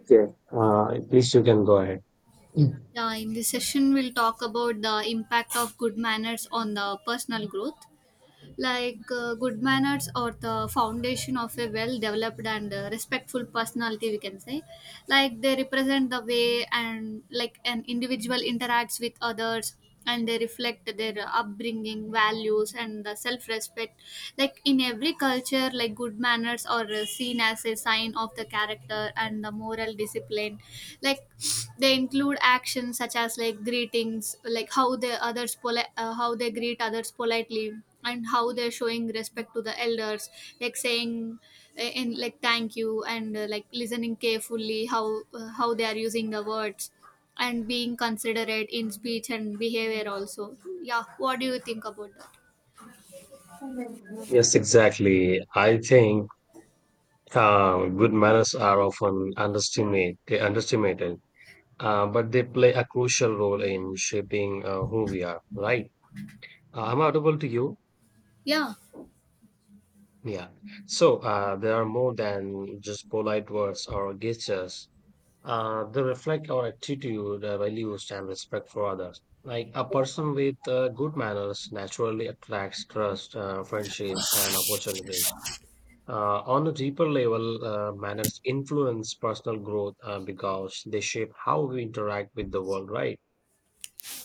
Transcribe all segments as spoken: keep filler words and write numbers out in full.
Okay, uh, please you can go ahead. Yeah, in this session, we'll talk about the impact of good manners on the personal growth. Like uh, good manners are the foundation of a well developed and uh, respectful personality, we can say. Like they represent the way and like an individual interacts with others, and they reflect their upbringing values and the self-respect. Like in every culture, like good manners are uh, seen as a sign of the character and the moral discipline, like they include actions such as like greetings, like how the others poli- uh, how they greet others politely and how they're showing respect to the elders, like saying uh, in like thank you, and uh, like listening carefully how uh, how they are using the words, and being considerate in speech and behavior also. Yeah, what do you think about that? Yes, exactly. I think uh, good manners are often underestimate, eh, underestimated, uh, but they play a crucial role in shaping uh, who we are, right? Uh, I'm audible to you. Yeah, Yeah. So uh, there are more than just polite words or gestures. Uh, they reflect our attitude, uh, values, and respect for others. Like a person with uh, good manners naturally attracts trust, uh, friendships, and opportunities. Uh, on a deeper level, uh, manners influence personal growth uh, because they shape how we interact with the world, right?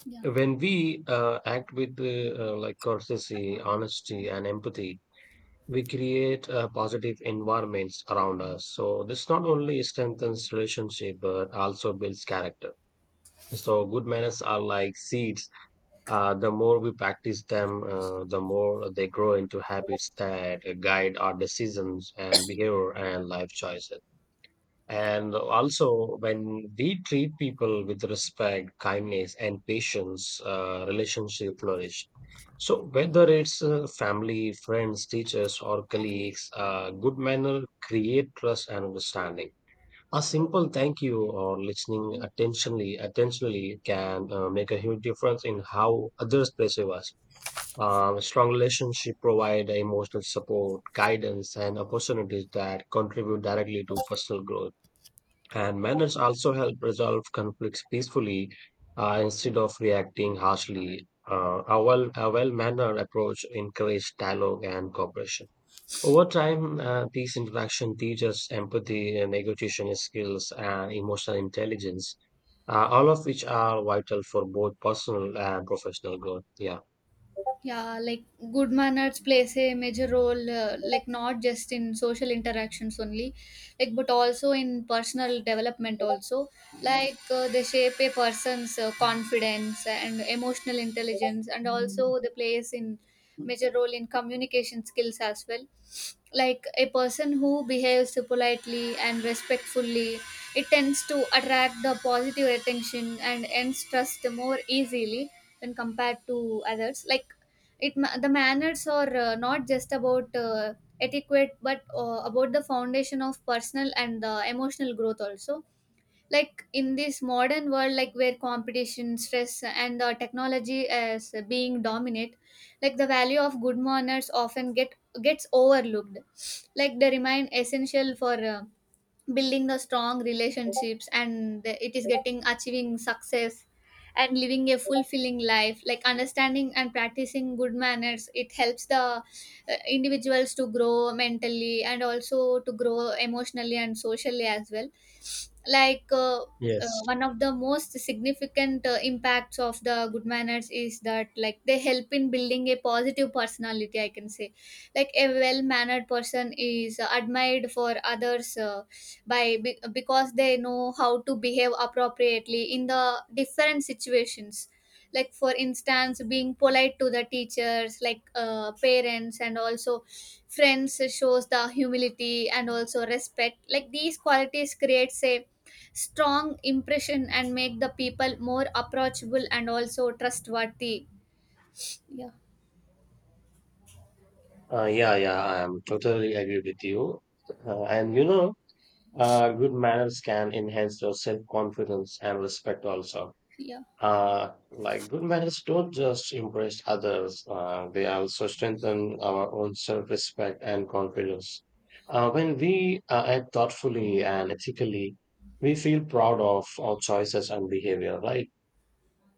yeah. When we uh, act with uh, uh, like courtesy, honesty, and empathy, we create uh, positive environments around us. So this not only strengthens relationship but also builds character. So good manners are like seeds. Uh, the more we practice them, uh, the more they grow into habits that guide our decisions and behavior and life choices. And also, when we treat people with respect, kindness, and patience, uh, relationship flourish. So whether it's uh, family, friends, teachers, or colleagues, uh, good manner create trust and understanding. A simple thank you or listening attentionally attentionally can uh, make a huge difference in how others perceive us. Um, a strong relationship provide emotional support, guidance, and opportunities that contribute directly to personal growth. And manners also help resolve conflicts peacefully uh, instead of reacting harshly. Uh, a well a well mannered approach encourages dialogue and cooperation. Over time, uh, these interactions teach us empathy, uh, negotiation skills, and emotional intelligence, uh, all of which are vital for both personal and professional growth. Yeah. Yeah, like good manners plays a major role, uh, like not just in social interactions only, like but also in personal development also. Like uh, they shape a person's uh, confidence and emotional intelligence, and also they plays in major role in communication skills as well. Like a person who behaves politely and respectfully, it tends to attract the positive attention and earns trust more easily when compared to others. Like it ma the manners are uh, not just about uh, etiquette, but uh, about the foundation of personal and the emotional growth also. Like in this modern world, like where competition, stress, and the technology is being dominant, like the value of good manners often get gets overlooked. Like they remain essential for. Uh, building the strong relationships and the- it is getting achieving success and living a fulfilling life, like understanding and practicing good manners, it helps the uh, individuals to grow mentally and also to grow emotionally and socially as well. like uh, uh, Yes. One of the most significant uh, impacts of the good manners is that, like, they help in building a positive personality, I can say. Like a well mannered person is admired for others uh, by be- because they know how to behave appropriately in the different situations, like, for instance, being polite to the teachers, like uh, parents and also friends, shows the humility and also respect. Like these qualities creates a strong impression and make the people more approachable and also trustworthy. Yeah. Uh, yeah, yeah, I am totally agree with you. Uh, and you know, uh, good manners can enhance your self-confidence and respect also. Yeah, Uh, like good manners don't just impress others, uh, they also strengthen our own self respect and confidence. Uh, when we uh, act thoughtfully and ethically, we feel proud of our choices and behavior, right?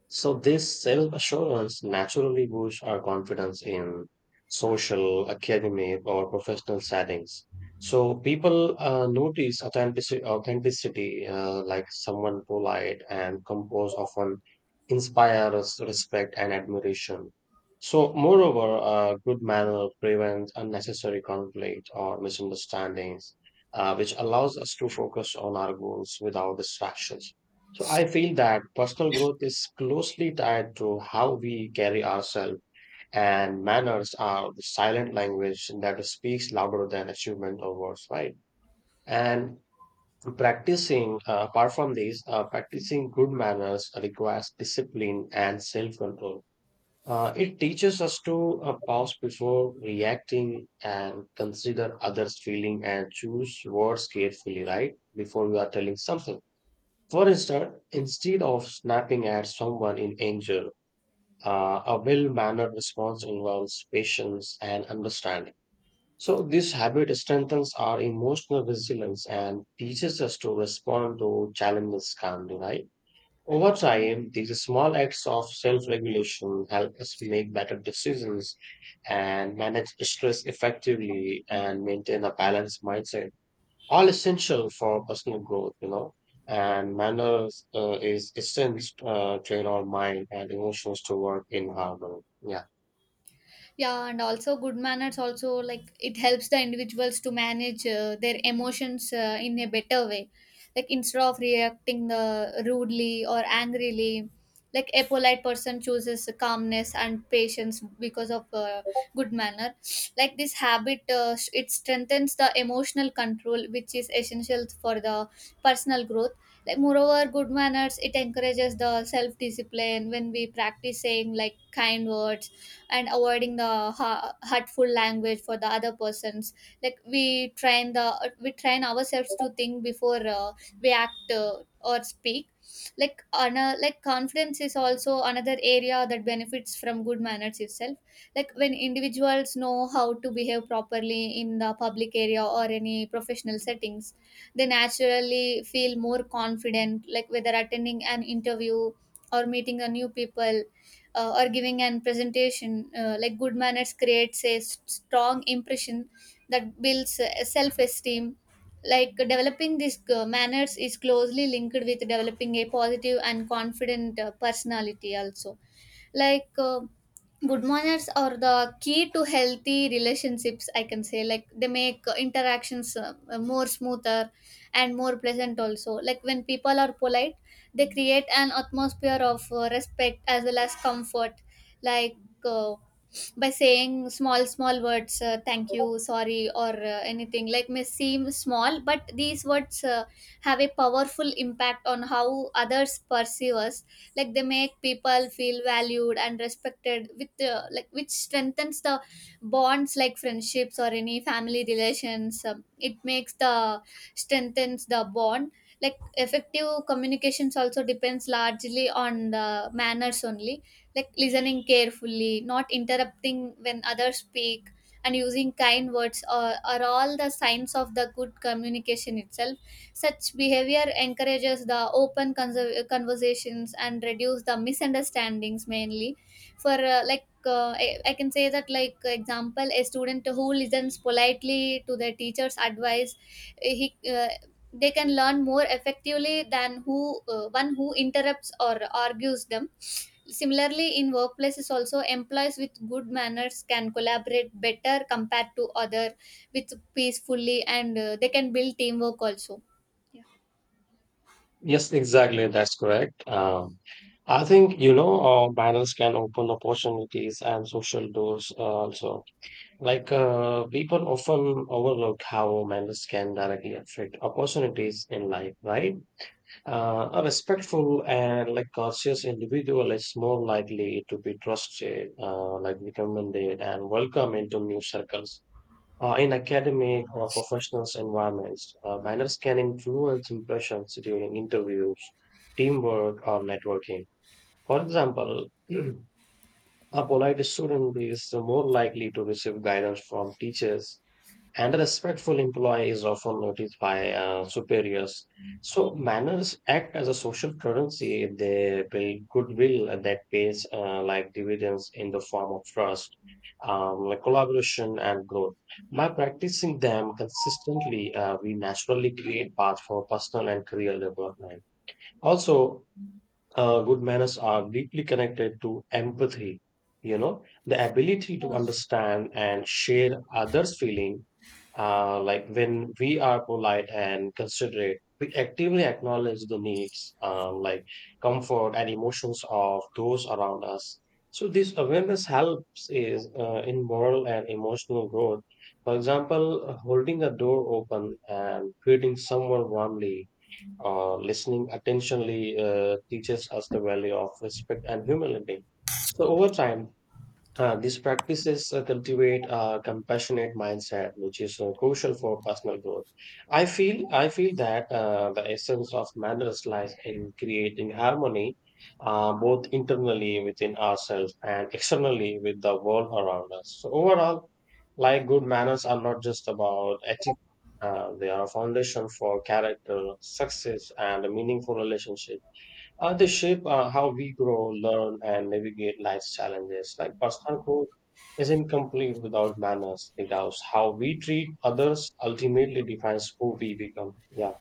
So this self-assurance naturally boosts our confidence in social, academic, or professional settings. So people uh, notice authenticity, authenticity uh, like someone polite and composed often inspires respect and admiration. So moreover, uh, good manner prevents unnecessary conflict or misunderstandings, uh, which allows us to focus on our goals without distractions. So I feel that personal growth is closely tied to how we carry ourselves, and manners are the silent language that speaks louder than achievement or words, right? And practicing, uh, apart from these, uh, practicing good manners requires discipline and self-control. Uh, it teaches us to uh, pause before reacting and consider others' feeling and choose words carefully, right? Before you are telling something. For instance, instead of snapping at someone in anger, uh, a well mannered response involves patience and understanding. So, this habit strengthens our emotional resilience and teaches us to respond to challenges calmly, right? Over time, these small acts of self regulation help us make better decisions and manage stress effectively and maintain a balanced mindset all essential for personal growth, you know. And manners uh, is essence uh, train our mind and emotions to work in harmony. Yeah. yeah, and also good manners also, like, it helps the individuals to manage uh, their emotions uh, in a better way. Like instead of reacting uh, rudely or angrily, like a polite person chooses calmness and patience because of uh, good manner. Like this habit, uh, s- it strengthens the emotional control, which is essential for the personal growth. Like, moreover, good manners, it encourages the self discipline. When we practice saying like kind words and avoiding the ha- hurtful language for the other persons, like we train the we train ourselves to think before uh, we act uh, or speak. Like on a, like confidence is also another area that benefits from good manners itself. Like when individuals know how to behave properly in the public area or any professional settings, they naturally feel more confident, like whether attending an interview or meeting a new people, uh, or giving an presentation, uh, like good manners creates a s- strong impression that builds uh, self-esteem. Like developing these uh, manners is closely linked with developing a positive and confident uh, personality also. like uh, Good manners are the key to healthy relationships, I can say. Like they make uh, interactions uh, more smoother and more pleasant also. Like when people are polite, they create an atmosphere of uh, respect as well as comfort, like uh, by saying small small words, uh, thank you, sorry, or uh, anything like may seem small, but these words uh, have a powerful impact on how others perceive us. Like they make people feel valued and respected with uh, like which strengthens the bonds, like friendships or any family relations. Um, it makes the strengthens the bond. Like effective communications also depends largely on the manners only. Like listening carefully, not interrupting when others speak and using kind words are, are all the signs of the good communication itself. Such behavior encourages the open conser- conversations and reduce the misunderstandings mainly for uh, like uh, I, I can say that like, example, a student who listens politely to their teacher's advice, he uh, they can learn more effectively than who uh, one who interrupts or argues them. Similarly, in workplaces also, employees with good manners can collaborate better compared to other with peacefully, and uh, they can build teamwork also. Yeah. Yes, exactly. That's correct. Um, I think you know uh, manners can open opportunities and social doors uh, also. Like uh, people often overlook how manners can directly affect opportunities in life, right? Uh, a respectful and like cautious individual is more likely to be trusted, uh, like recommended, and welcome into new circles. Uh, in academic or professional environments, uh, manners can influence impressions during interviews, teamwork, or networking. For example, a polite student is more likely to receive guidance from teachers and a respectful employee is often noticed by uh, superiors. So, manners act as a social currency. They build goodwill that pays uh, like dividends in the form of trust, um, like collaboration, and growth. By practicing them consistently, uh, we naturally create path for personal and career development. Also, uh, good manners are deeply connected to empathy, you know, the ability to understand and share others feeling. Uh, like when we are polite and considerate, we actively acknowledge the needs, uh, like comfort and emotions of those around us. So this awareness helps is uh, in moral and emotional growth. For example, holding a door open and greeting someone warmly, uh, listening attentionally uh, teaches us the value of respect and humility. So over time, uh, these practices uh, cultivate a compassionate mindset, which is uh, crucial for personal growth. I feel I feel that uh, the essence of manners lies in creating harmony, uh, both internally within ourselves and externally with the world around us. So overall, like good manners are not just about ethics; uh, they are a foundation for character, success, and a meaningful relationship. Uh, they shape uh, how we grow, learn, and navigate life's challenges. Like personal growth is incomplete without manners, because how we treat others ultimately defines who we become. Yeah.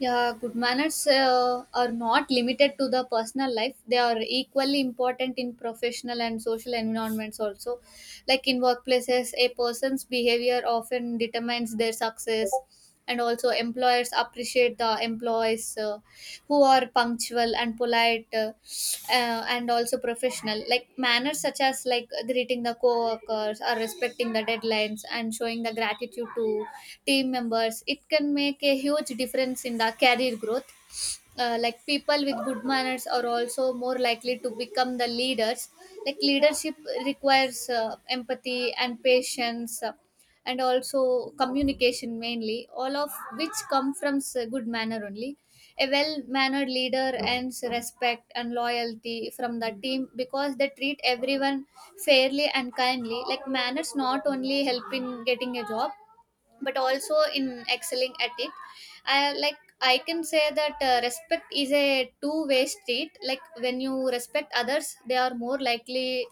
Yeah, good manners uh, are not limited to the personal life. They are equally important in professional and social environments also. Like in workplaces, a person's behavior often determines their success. And also, employers appreciate the employees uh, who are punctual and polite. Uh, uh, and also professional, like manners such as like greeting the co-workers or respecting the deadlines and showing the gratitude to team members, it can make a huge difference in the career growth. Uh, like people with good manners are also more likely to become the leaders. Like leadership requires uh, empathy and patience, uh, and also communication, mainly, all of which come from s- good manner only. A well mannered leader earns respect and loyalty from the team because they treat everyone fairly and kindly. Like manners not only help in getting a job but also in excelling at it. I like i can say that uh, respect is a two way street. Like when you respect others, they are more likely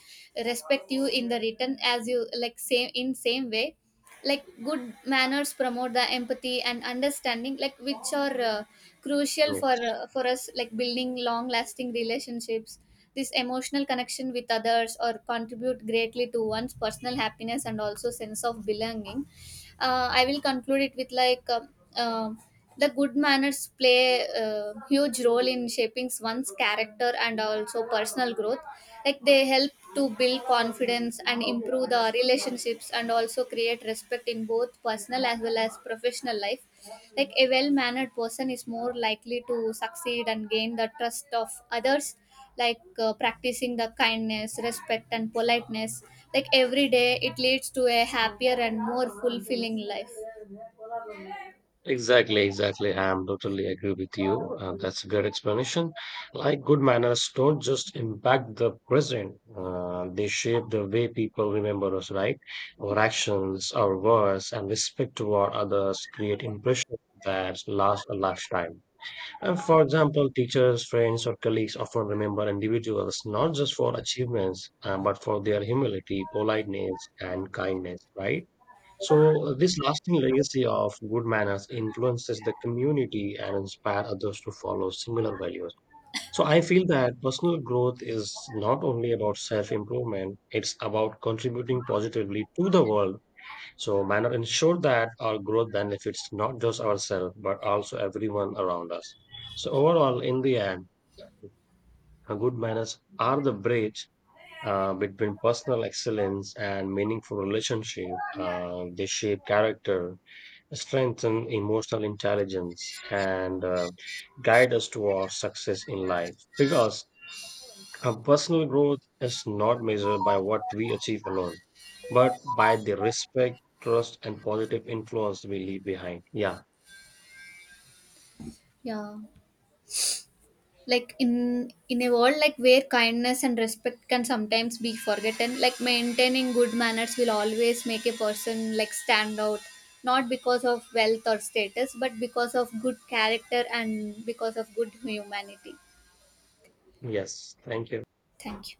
respect you in the return, as you, like, same in same way. Like good manners promote the empathy and understanding, like which are uh, crucial Mm. for uh, for us, like building long lasting relationships. This emotional connection with others or contribute greatly to one's personal happiness and also sense of belonging. uh, I will conclude it with like um, um, the good manners play a huge role in shaping one's character and also personal growth. Like they help to build confidence and improve the relationships and also create respect in both personal as well as professional life. Like a well-mannered person is more likely to succeed and gain the trust of others. Like uh, practicing the kindness, respect, and politeness, like every day, it leads to a happier and more fulfilling life. Exactly, exactly. I am totally agree with you. Uh, that's a good explanation. Like good manners don't just impact the present, uh, they shape the way people remember us, right? Our actions, our words, and respect toward others create impressions that last a lifetime. Uh, for example, teachers, friends, or colleagues often remember individuals not just for achievements, uh, but for their humility, politeness, and kindness, right? So, uh, this lasting legacy of good manners influences the community and inspire others to follow similar values. So, I feel that personal growth is not only about self improvement, it's about contributing positively to the world. So, manner ensure that our growth benefits not just ourselves, but also everyone around us. So, overall, in the end, uh, good manners are the bridge uh, between personal excellence and meaningful relationship. Uh, they shape character, strengthen emotional intelligence, and uh, guide us towards success in life. Because our personal growth is not measured by what we achieve alone, but by the respect, trust, and positive influence we leave behind. Yeah. Yeah, like in in a world like where kindness and respect can sometimes be forgotten, like maintaining good manners will always make a person like stand out, not because of wealth or status, but because of good character and because of good humanity. Yes. Thank you. Thank you.